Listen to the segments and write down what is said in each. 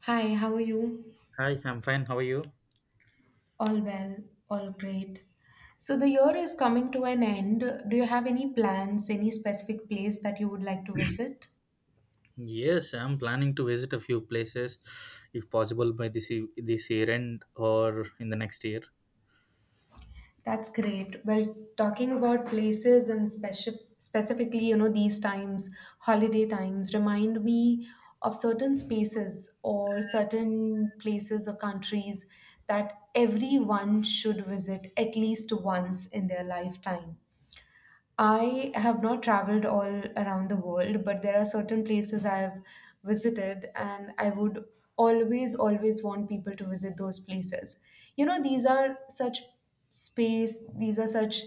Hi, how are you? Hi, I'm fine. How are you? All well, all great. So the year is coming to an end. Do you have any plans, any specific place that you would like to visit? Yes, I'm planning to visit a few places, if possible, by this year end or in the next year. That's great. Well, talking about places and specifically, you know, these times, holiday times, remind me of certain spaces or certain places or countries that everyone should visit at least once in their lifetime. I have not traveled all around the world, but there are certain places I have visited, and I would always, always want people to visit those places. You know, these are such space, these are such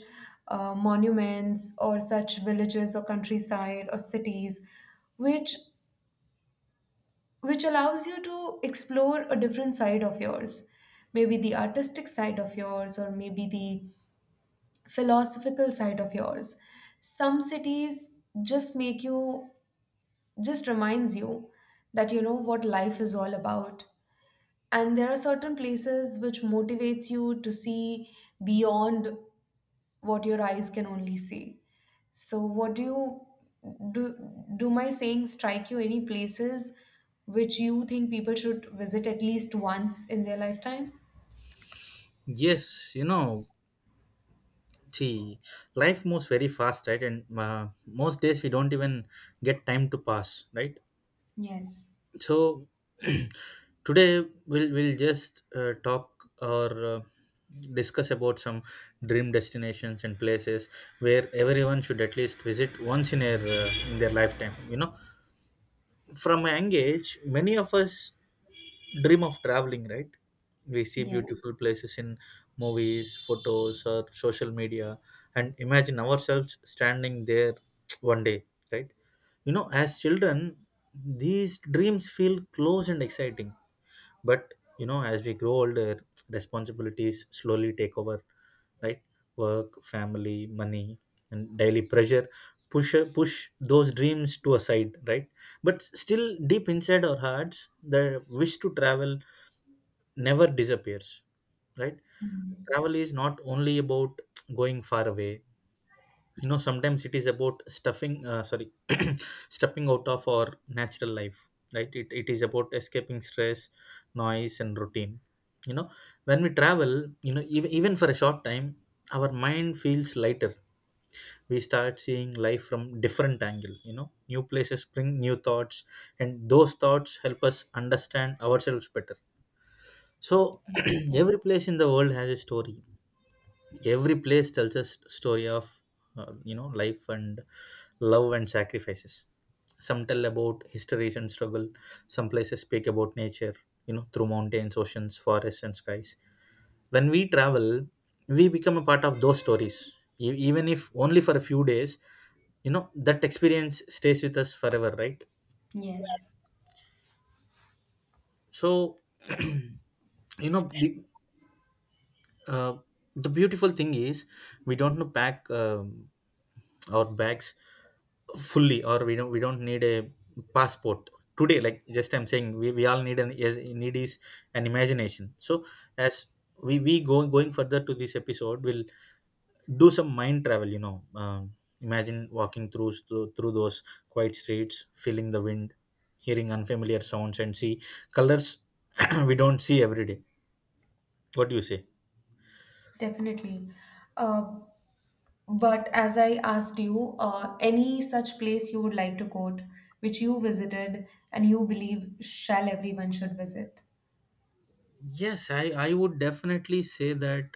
monuments or such villages or countryside or cities, which which allows you to explore a different side of yours, maybe the artistic side of yours, or maybe the philosophical side of yours. Some cities just make you, just reminds you that you know what life is all about. And there are certain places which motivates you to see beyond what your eyes can only see. So what do you do do my saying strike you any places which you think people should visit at least once in their lifetime? Yes, you know, see, life moves very fast, right? And most days we don't even get time to pass, right? Yes, So today, we'll just talk or discuss about some dream destinations and places where everyone should at least visit once in their lifetime. You know, from a young age, many of us dream of traveling, right? We see yes, beautiful places in movies, photos, or social media, and imagine ourselves standing there one day, right? You know, as children, these dreams feel close and exciting, but you know, as we grow older, responsibilities slowly take over, right? Work, family, money, and daily pressure push those dreams to a side, right? But still, deep inside our hearts, the wish to travel never disappears, right? Travel is not only about going far away. You know, sometimes it is about stuffing sorry stepping out of our natural life, right? It is about escaping stress, noise, and routine. You know, when we travel, you know, even for a short time, our mind feels lighter. We start seeing life from different angle. You know, new places bring new thoughts, and those thoughts help us understand ourselves better. So every place in the world has a story. Every place tells us story of, you know, life and love and sacrifices. Some tell about histories and struggle, some places speak about nature, you know, through mountains, oceans, forests, and skies. When we travel, we become a part of those stories. Even if only for a few days, you know, that experience stays with us forever, right? yes. So you know, uh, the beautiful thing is, we don't know pack our bags fully, or we don't need a passport today. Like, just I'm saying, we all need an is need is an imagination. So as we go going further to this episode, we'll do some mind travel. You know, imagine walking through those quiet streets, feeling the wind, hearing unfamiliar sounds, and see colors we don't see every day. What do you say? Definitely. Uh, But as I asked you, any such place you would like to quote, which you visited and you believe shall everyone should visit? Yes, I would definitely say that,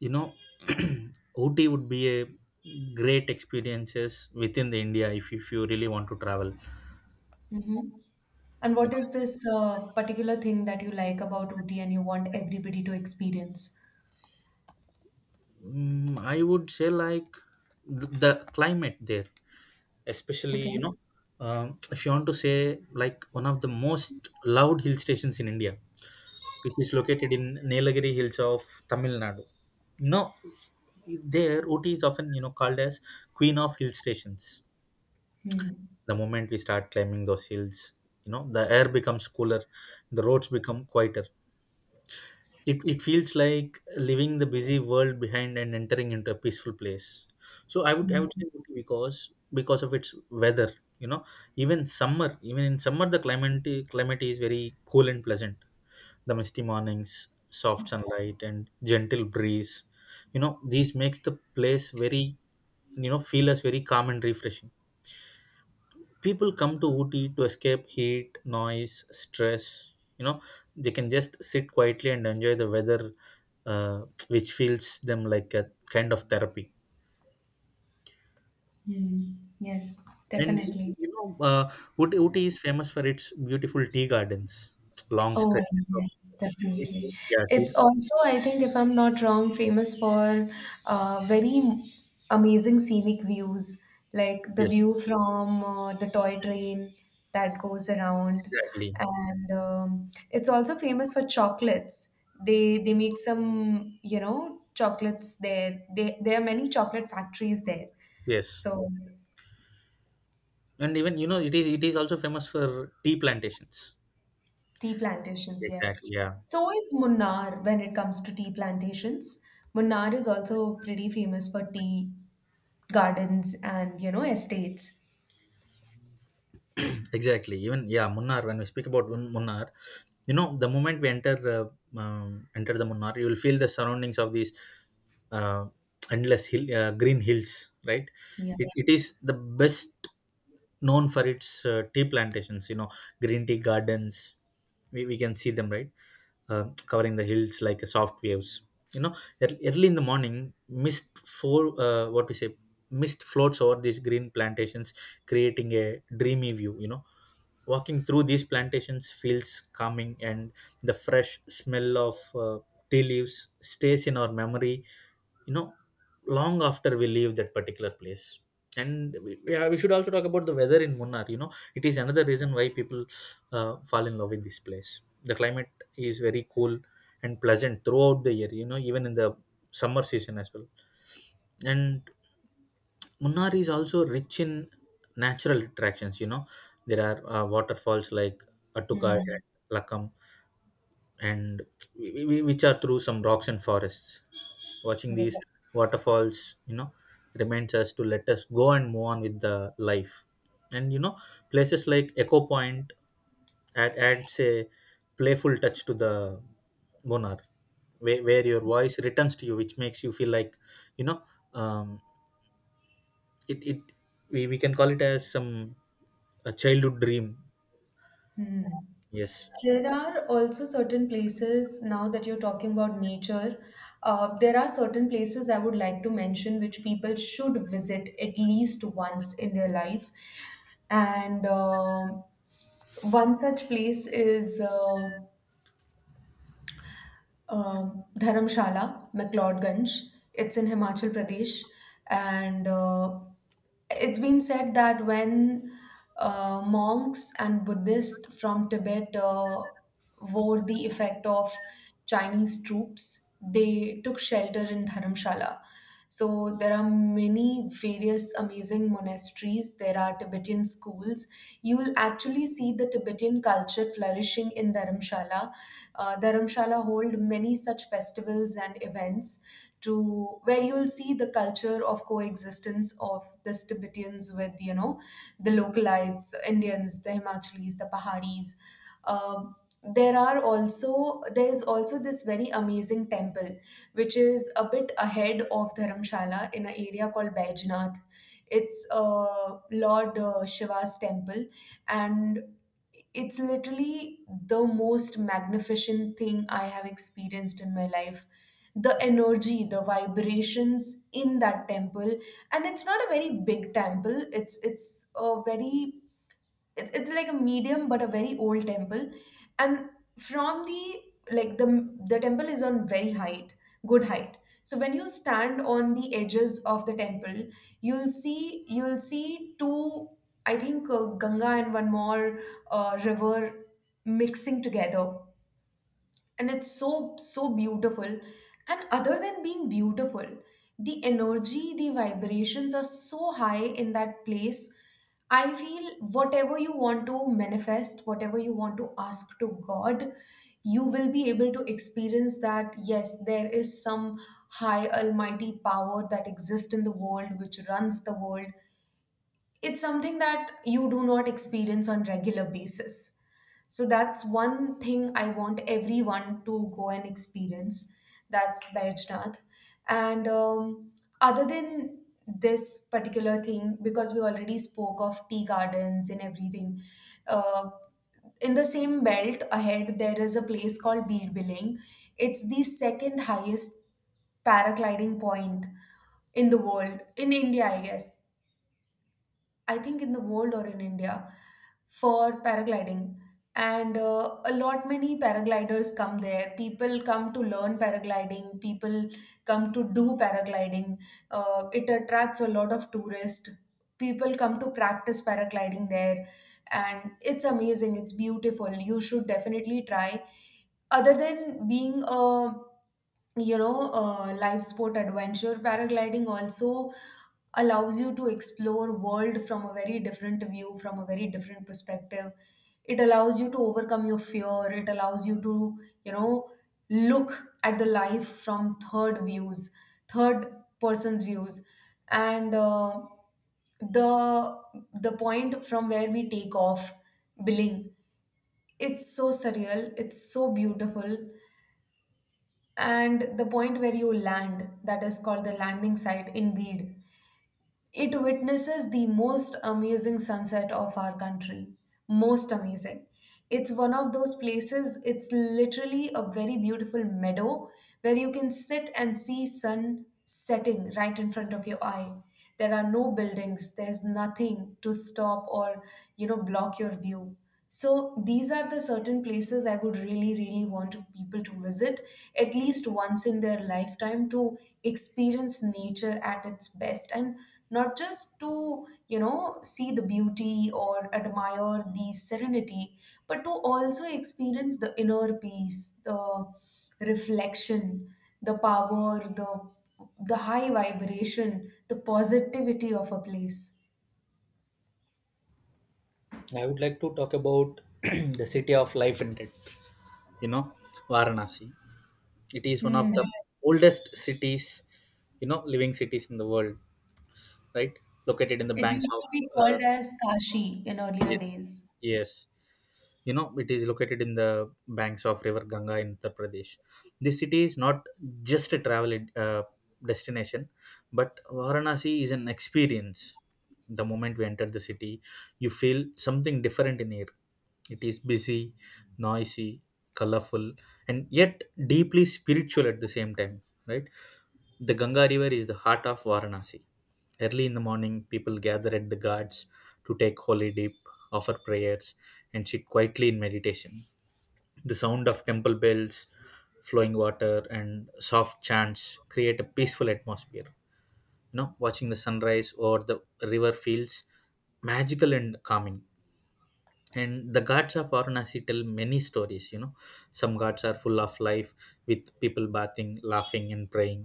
you know, OT would be a great experiences within the India, if you really want to travel. Hmm. And what is this particular thing that you like about Ooty and you want everybody to experience? Mm, I would say, like, the climate there, especially, you Okay. know, if you want to say, like, one of the most loved hill stations in India, which is located in Nilagiri Hills of Tamil Nadu. You know, there Ooty is often, you know, called as Queen of Hill Stations. Hmm. The moment we start climbing those hills, you know, the air becomes cooler, the roads become quieter. It feels like leaving the busy world behind and entering into a peaceful place. So I would say Ooty, because of its weather. You know, even in summer, the climate is very cool and pleasant. The misty mornings, soft sunlight, and gentle breeze, you know, these makes the place very, you know, feel as very calm and refreshing. People come to Ooty to escape heat, noise, stress. You know, they can just sit quietly and enjoy the weather, which feels them like a kind of therapy. Hmm. Yes, And definitely. you know, Ooty is famous for its beautiful tea gardens, long Oh, stretches of yes, definitely. yeah, tea, It's also, I think, if I'm not wrong, famous for very amazing scenic views, like the yes, view from the toy train that goes around, exactly, and it's also famous for chocolates. They make some, you know, chocolates there. There are many chocolate factories there. yes. So And even, you know, it is also famous for tea plantations. tea plantations, yes. Exactly, yeah. So is Munnar when it comes to tea plantations. Munnar is also pretty famous for tea gardens and, you know, estates. Exactly. Even, yeah, Munnar. When we speak about Munnar, you know, the moment we um, enter the Munnar, you will feel the surroundings of these uh, endless hill, green hills, right? Yeah. It is the best known for its tea plantations. You know, green tea gardens, we can see them, right, covering the hills like a soft waves. You know, early in the morning, mist for what we say, mist floats over these green plantations, creating a dreamy view. You know, walking through these plantations feels calming, and the fresh smell of tea leaves stays in our memory, you know, long after we leave that particular place. And we, yeah, we should also talk about the weather in Munnar. You know, it is another reason why people fall in love with this place. The climate is very cool and pleasant throughout the year. You know, even in the summer season as well. And Munnar is also rich in natural attractions. You know, there are waterfalls like Attuka and Hmm. Lakam, and which are through some rocks and forests. Watching Okay. these waterfalls, you know, reminds us to let us go and move on with the life. And you know, places like Echo Point adds a playful touch to the Bonar, where your voice returns to you, which makes you feel like, you know, um, it, it we can call it as some a childhood dream. Hmm. Yes. There are also certain places, now that you're talking about nature, there are certain places I would like to mention which people should visit at least once in their life. And one such place is Dharamshala, McLeodganj. It's in Himachal Pradesh, and it's been said that when monks and Buddhists from Tibet wore the effect of Chinese troops, they took shelter in Dharamshala. So there are many various amazing monasteries. There are Tibetan schools. You will actually see the Tibetan culture flourishing in Dharamshala. Dharamshala hold many such festivals and events to where you'll see the culture of coexistence of the Tibetans with, you know, the localites, Indians, the Himachalis, the Pahadis. Um, there are also there is also this very amazing temple which is a bit ahead of Dharamshala in an area called Baijnath. It's Lord Shiva's temple, and it's literally the most magnificent thing I have experienced in my life. The energy, the vibrations in that temple, and it's not a very big temple. It's a very it's like a medium but a very old temple, and from the like the temple is on very height, good height. So when you stand on the edges of the temple, you'll see two, I think Ganga and one more river mixing together, and it's so beautiful. And other than being beautiful, the energy, the vibrations are so high in that place, I feel whatever you want to manifest, whatever you want to ask to God, you will be able to experience that yes, there is some high almighty power that exists in the world, which runs the world. It's something that you do not experience on regular basis. So that's one thing I want everyone to go and experience. That's Vaishnath. And other than this particular thing, because we already spoke of tea gardens and everything, uh, in the same belt ahead there is a place called Billing. It's the second highest paragliding point in the world, in India, I guess. I think in the world or in India for paragliding. And a lot many paragliders come there. People come to learn paragliding. People come to do paragliding. It attracts a lot of tourists. People come to practice paragliding there, and it's amazing. It's beautiful. You should definitely try. Other than being a, you know, live sport adventure, paragliding also allows you to explore world from a very different view, from a very different perspective. It allows you to overcome your fear. It allows you to, you know, look at the life from third views, third person's views, and the the point from where we take off, Billing. It's so surreal. It's so beautiful. And the point where you land, that is called the landing site in Bid, it witnesses the most amazing sunset of our country. Most amazing. It's one of those places, it's literally a very beautiful meadow where you can sit and see sun setting right in front of your eye. There are no buildings, there's nothing to stop or, you know, block your view. So these are the certain places I would really, really want people to visit at least once in their lifetime to experience nature at its best, and not just to, you know, see the beauty or admire the serenity, but to also experience the inner peace, the reflection, the power, the high vibration, the positivity of a place. I would like to talk about the city of life and death, you know, Varanasi. It is one of the Hmm. oldest cities, you know, living cities in the world, right, located in the It banks used of, to be uh, called as Kashi in earlier yes, days. yes. You know, it is located in the banks of river Ganga in Uttar Pradesh. This city is not just a travel, uh, destination, but Varanasi is an experience. The moment we enter the city, you feel something different in here. It is busy, noisy, colorful, and yet deeply spiritual at the same time, right? The Ganga River is the heart of Varanasi. Early in the morning, people gather at the ghats to take holy dip, offer prayers, and sit quietly in meditation. The sound of temple bells, flowing water, and soft chants create a peaceful atmosphere. You know, watching the sunrise or the river feels magical and calming. And the ghats of Varanasi tell many stories. You know, some ghats are full of life, with people bathing, laughing, and praying.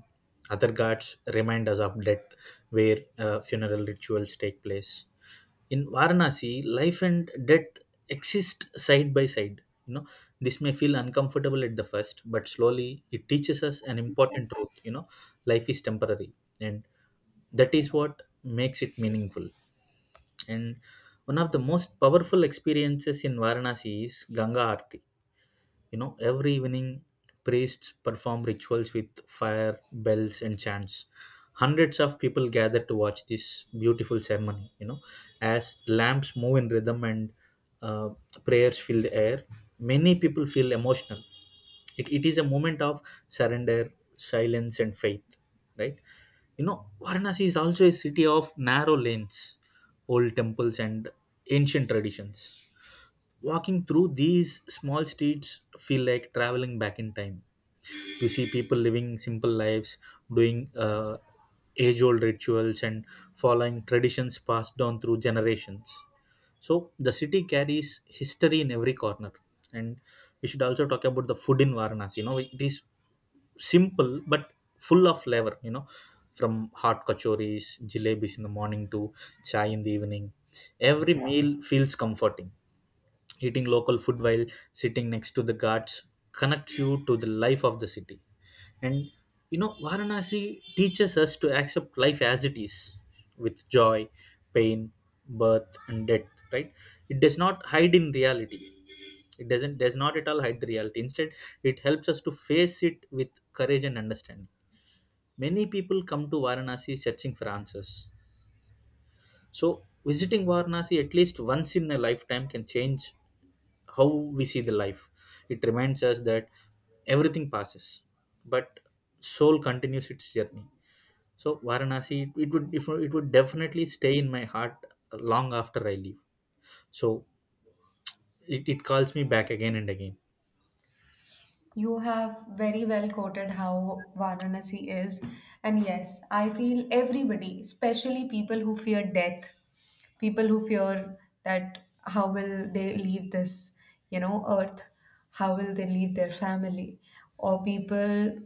Other ghats remind us of death, where funeral rituals take place. In Varanasi, life and death exist side by side. You know, this may feel uncomfortable at the first, but slowly it teaches us an important truth. You know, life is temporary, and that is what makes it meaningful. And one of the most powerful experiences in Varanasi is Ganga Aarti. You know, every evening, priests perform rituals with fire, bells, and chants. Hundreds of people gather to watch this beautiful ceremony. You know, as lamps move in rhythm and uh, prayers fill the air, many people feel emotional. It is a moment of surrender, silence, and faith, right? You know, Varanasi is also a city of narrow lanes, old temples, and ancient traditions. Walking through these small streets feel like traveling back in time. You see people living simple lives, doing age-old rituals and following traditions passed down through generations. So the city carries history in every corner. And we should also talk about the food in Varanasi. You know, it is simple but full of flavor. You know, from hot kachoris, jalebis in the morning to chai in the evening, every meal feels comforting. Eating local food while sitting next to the ghats connects you to the life of the city. And you know, Varanasi teaches us to accept life as it is, with joy, pain, birth, and death, right? It does not hide in reality. It does not at all hide the reality. Instead, it helps us to face it with courage and understanding. Many people come to Varanasi searching for answers. So visiting Varanasi at least once in a lifetime can change how we see the life. It reminds us that everything passes, but soul continues its journey. So Varanasi, it, would if it would definitely stay in my heart long after I leave. So it calls me back again and again. You have very well quoted how Varanasi is. And yes, I feel everybody, especially people who fear death, people who fear that how will they leave this, you know, earth, how will they leave their family, or people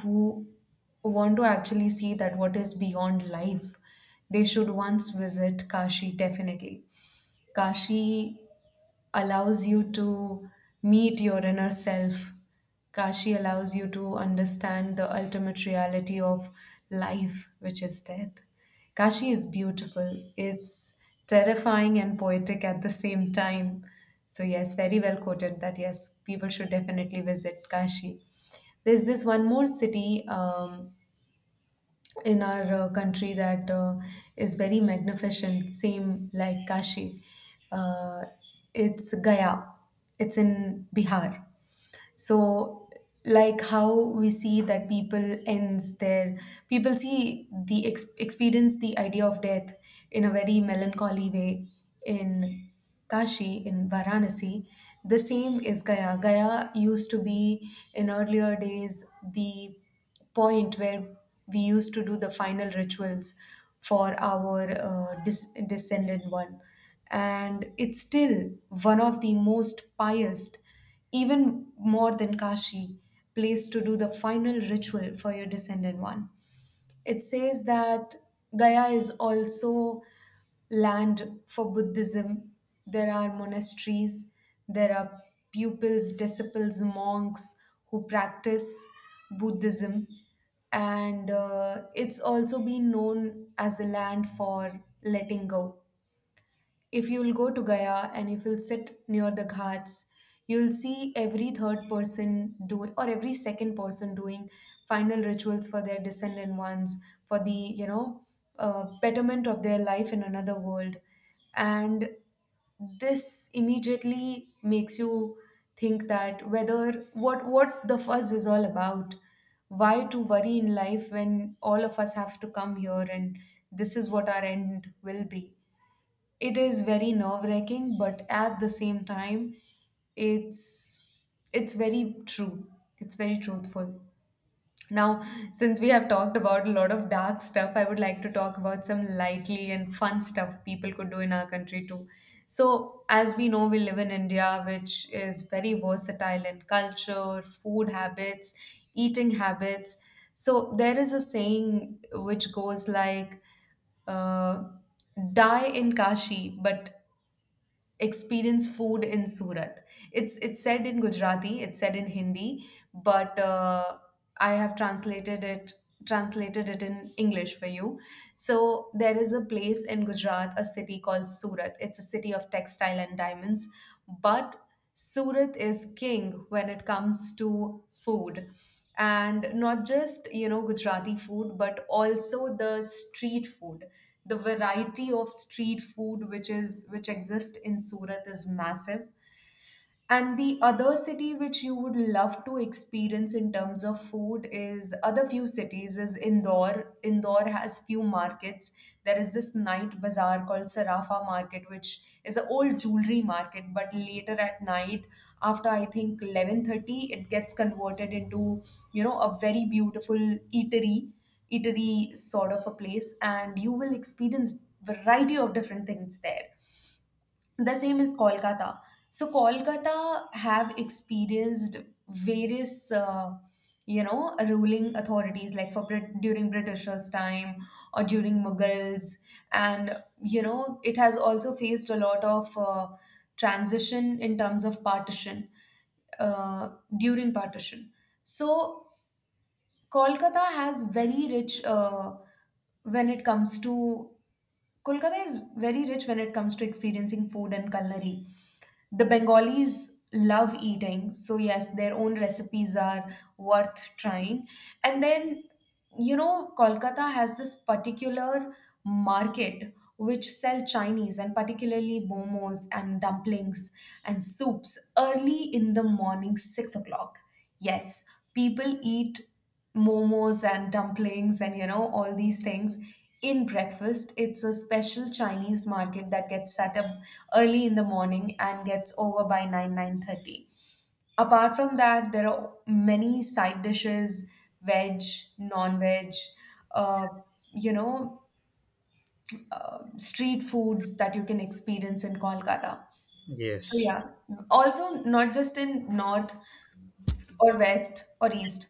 who want to actually see that what is beyond life, they should once visit Kashi definitely. Kashi allows you to meet your inner self. Kashi allows you to understand the ultimate reality of life, which is death. Kashi is beautiful. It's terrifying and poetic at the same time. So, yes, very well quoted that yes, people should definitely visit Kashi. There's this one more city. In our country that is very magnificent, same like Kashi. Uh, it's Gaya, it's in Bihar. So like how we see that people ends their people see the experience the idea of death in a very melancholy way in Kashi, in Varanasi, the same is Gaya. Gaya used to be in earlier days the point where we used to do the final rituals for our descendant one, and it's still one of the most pious, even more than Kashi, place to do the final ritual for your descended one. It says that Gaya is also land for Buddhism. There are monasteries, there are pupils, disciples, monks who practice Buddhism. And it's also been known as a land for letting go. If you'll go to Gaya and if you'll sit near the ghats, you'll see every third person doing or every second person doing final rituals for their descendant ones, for the, you know, betterment of their life in another world, and this immediately makes you think that whether what the fuzz is all about, why to worry in life when all of us have to come here and this is what our end will be. It is very nerve-wracking, but at the same time, it's it's very true, it's very truthful. Now since we have talked about a lot of dark stuff, I would like to talk about some lightly and fun stuff people could do in our country too. So as we know, we live in India, which is very versatile in culture, food habits, eating habits. So there is a saying which goes like, uh, die in Kashi, but experience food in Surat. It's said in Gujarati, it's said in Hindi, but I have translated it in English for you. So there is a place in Gujarat, a city called Surat. It's a city of textile and diamonds, but Surat is king when it comes to food. And not just, you know, Gujarati food, but also the street food. The variety of street food which is which exists in Surat is massive. And the other city which you would love to experience in terms of food is other few cities is Indore. Indore has few markets. There is this night bazaar called Sarafa Market, which is an old jewelry market. But later at night, after I think 11:30, it gets converted into a very beautiful eatery, eatery sort of a place, and you will experience variety of different things there. The same is Kolkata. So Kolkata have experienced various ruling authorities, like for during britishers time or during mughals. And you know it has also faced a lot of transition in terms of partition, uh, during partition. So kolkata has very rich when it comes to Kolkata is very rich when it comes to experiencing food and culinary. The Bengalis love eating, so yes, their own recipes are worth trying. And then, you know, Kolkata has this particular market which sell Chinese and particularly momos and dumplings and soups early in the morning, 6 o'clock. Yes, people eat momos and dumplings and you know all these things in breakfast. It's a special Chinese market that gets set up early in the morning and gets over by 9 9:30. Apart from that, there are many side dishes, veg, non-veg, uh, you know street foods that you can experience in Kolkata. So Yes, yeah, also not just in north or west or east,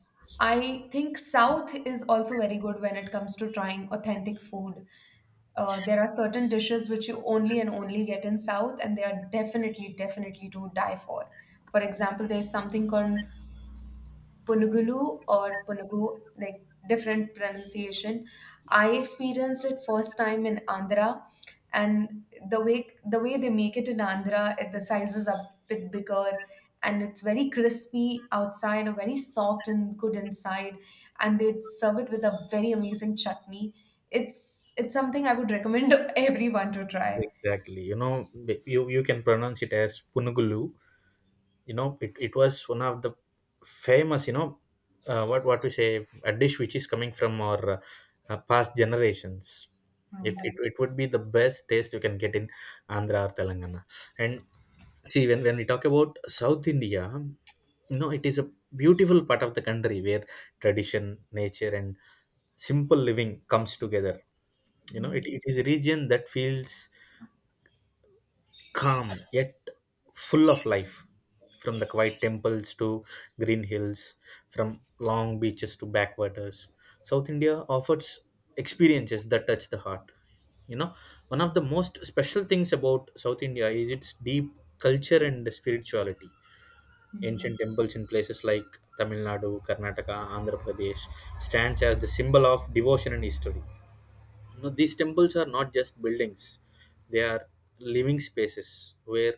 I think south is also very good when it comes to trying authentic food. There are certain dishes which you only and only get in South, and they are definitely, definitely to die for. For example, there's something called Punugulu or Punugu, like different pronunciation. I experienced it first time in Andhra, and the way they make it in Andhra, it, the sizes are a bit bigger, and it's very crispy outside, or very soft and good inside, and they serve it with a very amazing chutney. It's something I would recommend everyone to try. exactly. You know, you can pronounce it as punugulu. You know, it was one of the famous, you know, what we say a dish which is coming from our past generations. It would be the best taste you can get in Andhra or Telangana. And see, when we talk about South India, you know, it is a beautiful part of the country where tradition, nature, and simple living comes together. You know, it is a region that feels calm, yet full of life. From the quiet temples to green hills, from long beaches to backwaters, South India offers experiences that touch the heart. You know, one of the most special things about South India is its deep culture and spirituality. Ancient Mhm. temples in places like Tamil Nadu, Karnataka, Andhra Pradesh stands as the symbol of devotion and history. No, these temples are not just buildings, they are living spaces where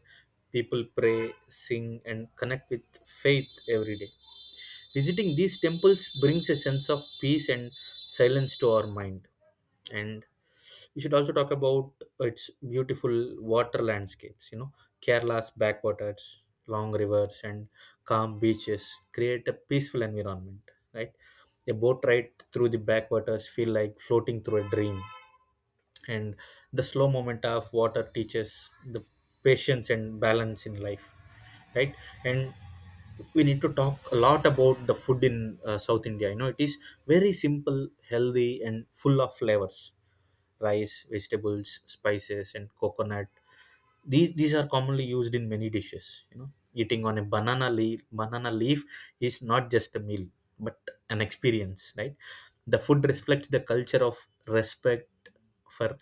people pray, sing, and connect with faith every day. Visiting these temples brings a sense of peace and silence to our mind. And we should also talk about its beautiful water landscapes. You know, Kerala's backwaters, long rivers, and calm beaches create a peaceful environment, right? A boat ride through the backwaters feel like floating through a dream, and the slow moment of water teaches the patience and balance in life, right? And we need to talk a lot about the food in South India. You know, it is very simple, healthy, and full of flavors. Rice, vegetables, spices, and coconut, these are commonly used in many dishes. You know, eating on a banana leaf is not just a meal but an experience, right? The food reflects the culture of respect for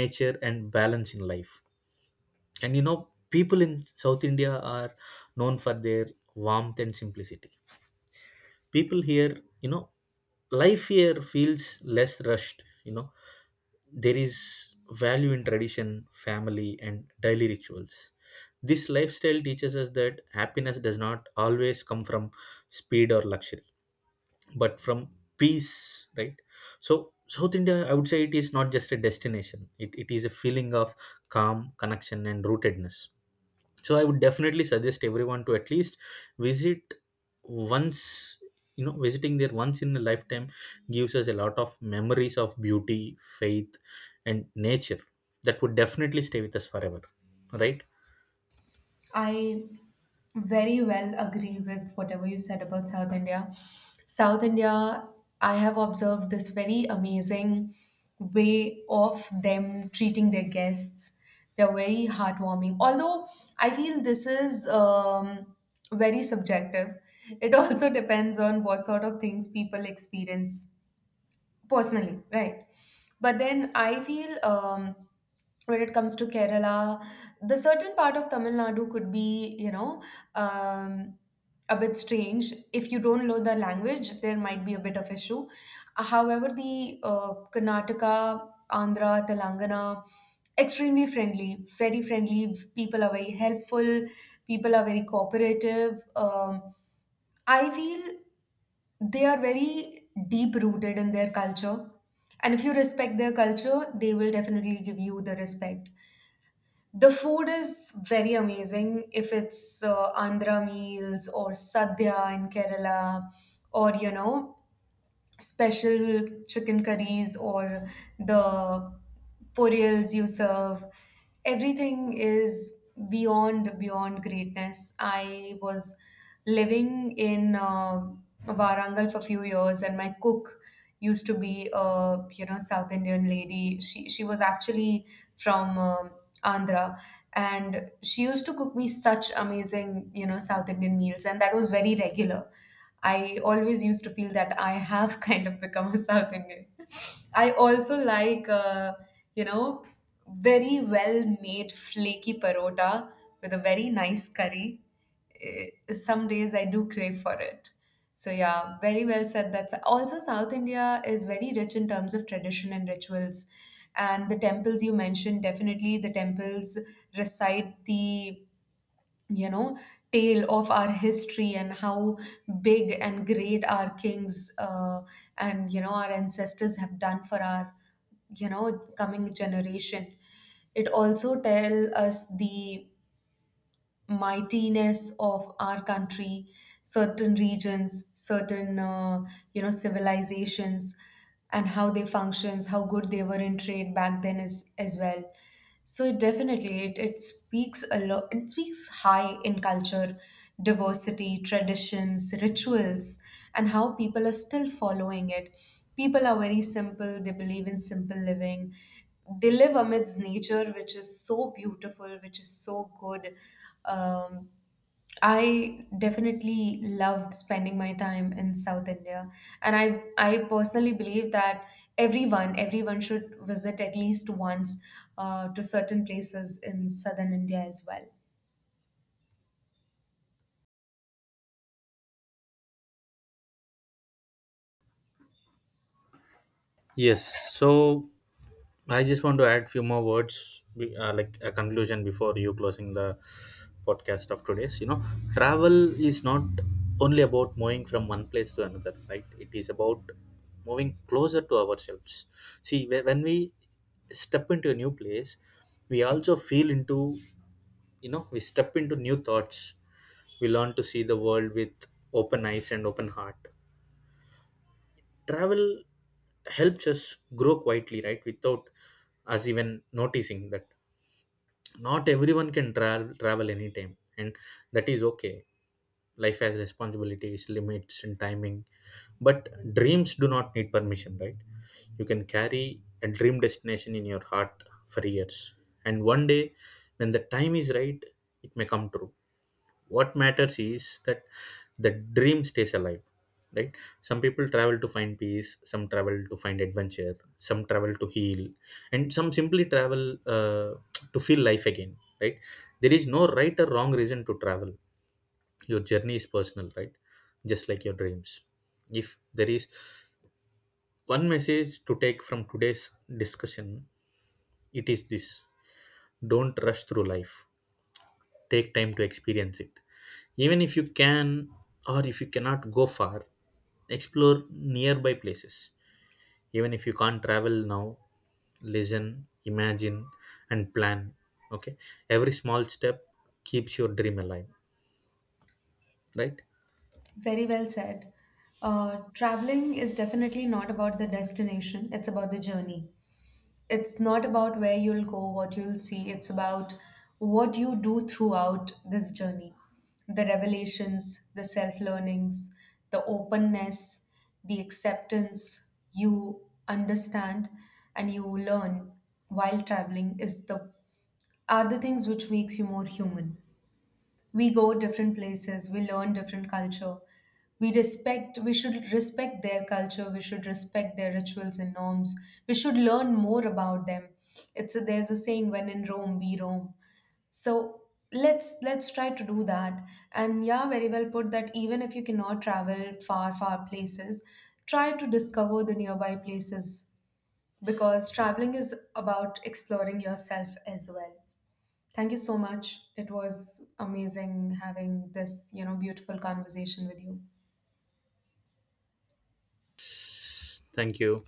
nature and balance in life. And you know, people in South India are known for their warmth and simplicity. People here, you know, life here feels less rushed. You know, there is value in tradition, family, and daily rituals. This lifestyle teaches us that happiness does not always come from speed or luxury, but from peace, right? So South India, I would say it is not just a destination, it is a feeling of calm, connection, and rootedness. So I would definitely suggest everyone to at least visit once. You know, visiting there once in a lifetime gives us a lot of memories of beauty, faith, and nature that would definitely stay with us forever, right? I very well agree with whatever you said about South India. South India, I have observed this very amazing way of them treating their guests. They're very heartwarming. Although I feel this is very subjective, it also depends on what sort of things people experience personally, right? But then I feel, when it comes to Kerala, the certain part of Tamil Nadu could be, you know, um, a bit strange. If you don't know the language, there might be a bit of issue. However, the Karnataka, Andhra, Telangana, extremely friendly, very friendly, people are very helpful, people are very cooperative. um, I feel they are very deep rooted in their culture. And if you respect their culture, they will definitely give you the respect. The food is very amazing, if it's Andhra meals or sadhya in Kerala or, you know, special chicken curries or the purials you serve, everything is beyond greatness. I was living in Warangal for a few years, and my cook used to be a, you know, south indian lady. She was actually from Andhra, and she used to cook me such amazing, you know, south indian meals, and that was very regular. I always used to feel that I have kind of become a South Indian. I also like, you know, very well made flaky parota with a very nice curry. Eh, some days I do crave for it. So, yeah, very well said. That's also South India is very rich in terms of tradition and rituals. And the temples you mentioned, definitely the temples recite the, you know, tale of our history, and how big and great our kings and you know our ancestors have done for our, you know, coming generation. It also tell us the mightiness of our country, certain regions, certain, civilizations, and how they functions, how good they were in trade back then as well. So it definitely it speaks a lot. It speaks high in culture, diversity, traditions, rituals, and how people are still following it. People are very simple. They believe in simple living. They live amidst nature, which is so beautiful, which is so good. um, I definitely loved spending my time in South India, and I personally believe that everyone should visit at least once, to certain places in southern India as well. Yes. So I just want to add few more words, like a conclusion before you closing the podcast of today's. You know, travel is not only about moving from one place to another, right? It is about moving closer to ourselves. See, when we step into a new place, we also feel into, you know, we step into new thoughts. We learn to see the world with open eyes and open heart. Travel helps us grow quietly, right, without us even noticing that. Not everyone can travel anytime, and that is okay. Life has responsibilities, limits, and timing. But dreams do not need permission, right? You can carry a dream destination in your heart for years, and one day, when the time is right, it may come true. What matters is that the dream stays alive, right? Some people travel to find peace, some travel to find adventure, some travel to heal, and some simply travel to feel life again, right? There is no right or wrong reason to travel. Your journey is personal, right? Just like your dreams. If there is one message to take from today's discussion, it is this: don't rush through life, take time to experience it. Even if you can or if you cannot go far, explore nearby places. Even if you can't travel now, listen, imagine, and plan. Okay, every small step keeps your dream alive, right? Very well said. Traveling is definitely not about the destination, it's about the journey. It's not about where you'll go, what you'll see, it's about what you do throughout this journey. The revelations, the self learnings, the openness, the acceptance you understand and you learn while traveling is the, are the things which makes you more human. We go different places, we learn different culture. We respect, we should respect their culture, we should respect their rituals and norms. We should learn more about them. It's a, there's a saying, when in Rome, we roam. So let's try to do that. And yeah, very well put, that even if you cannot travel far, far places, try to discover the nearby places, because traveling is about exploring yourself as well. Thank you so much. It was amazing having this, you know, beautiful conversation with you. Thank you.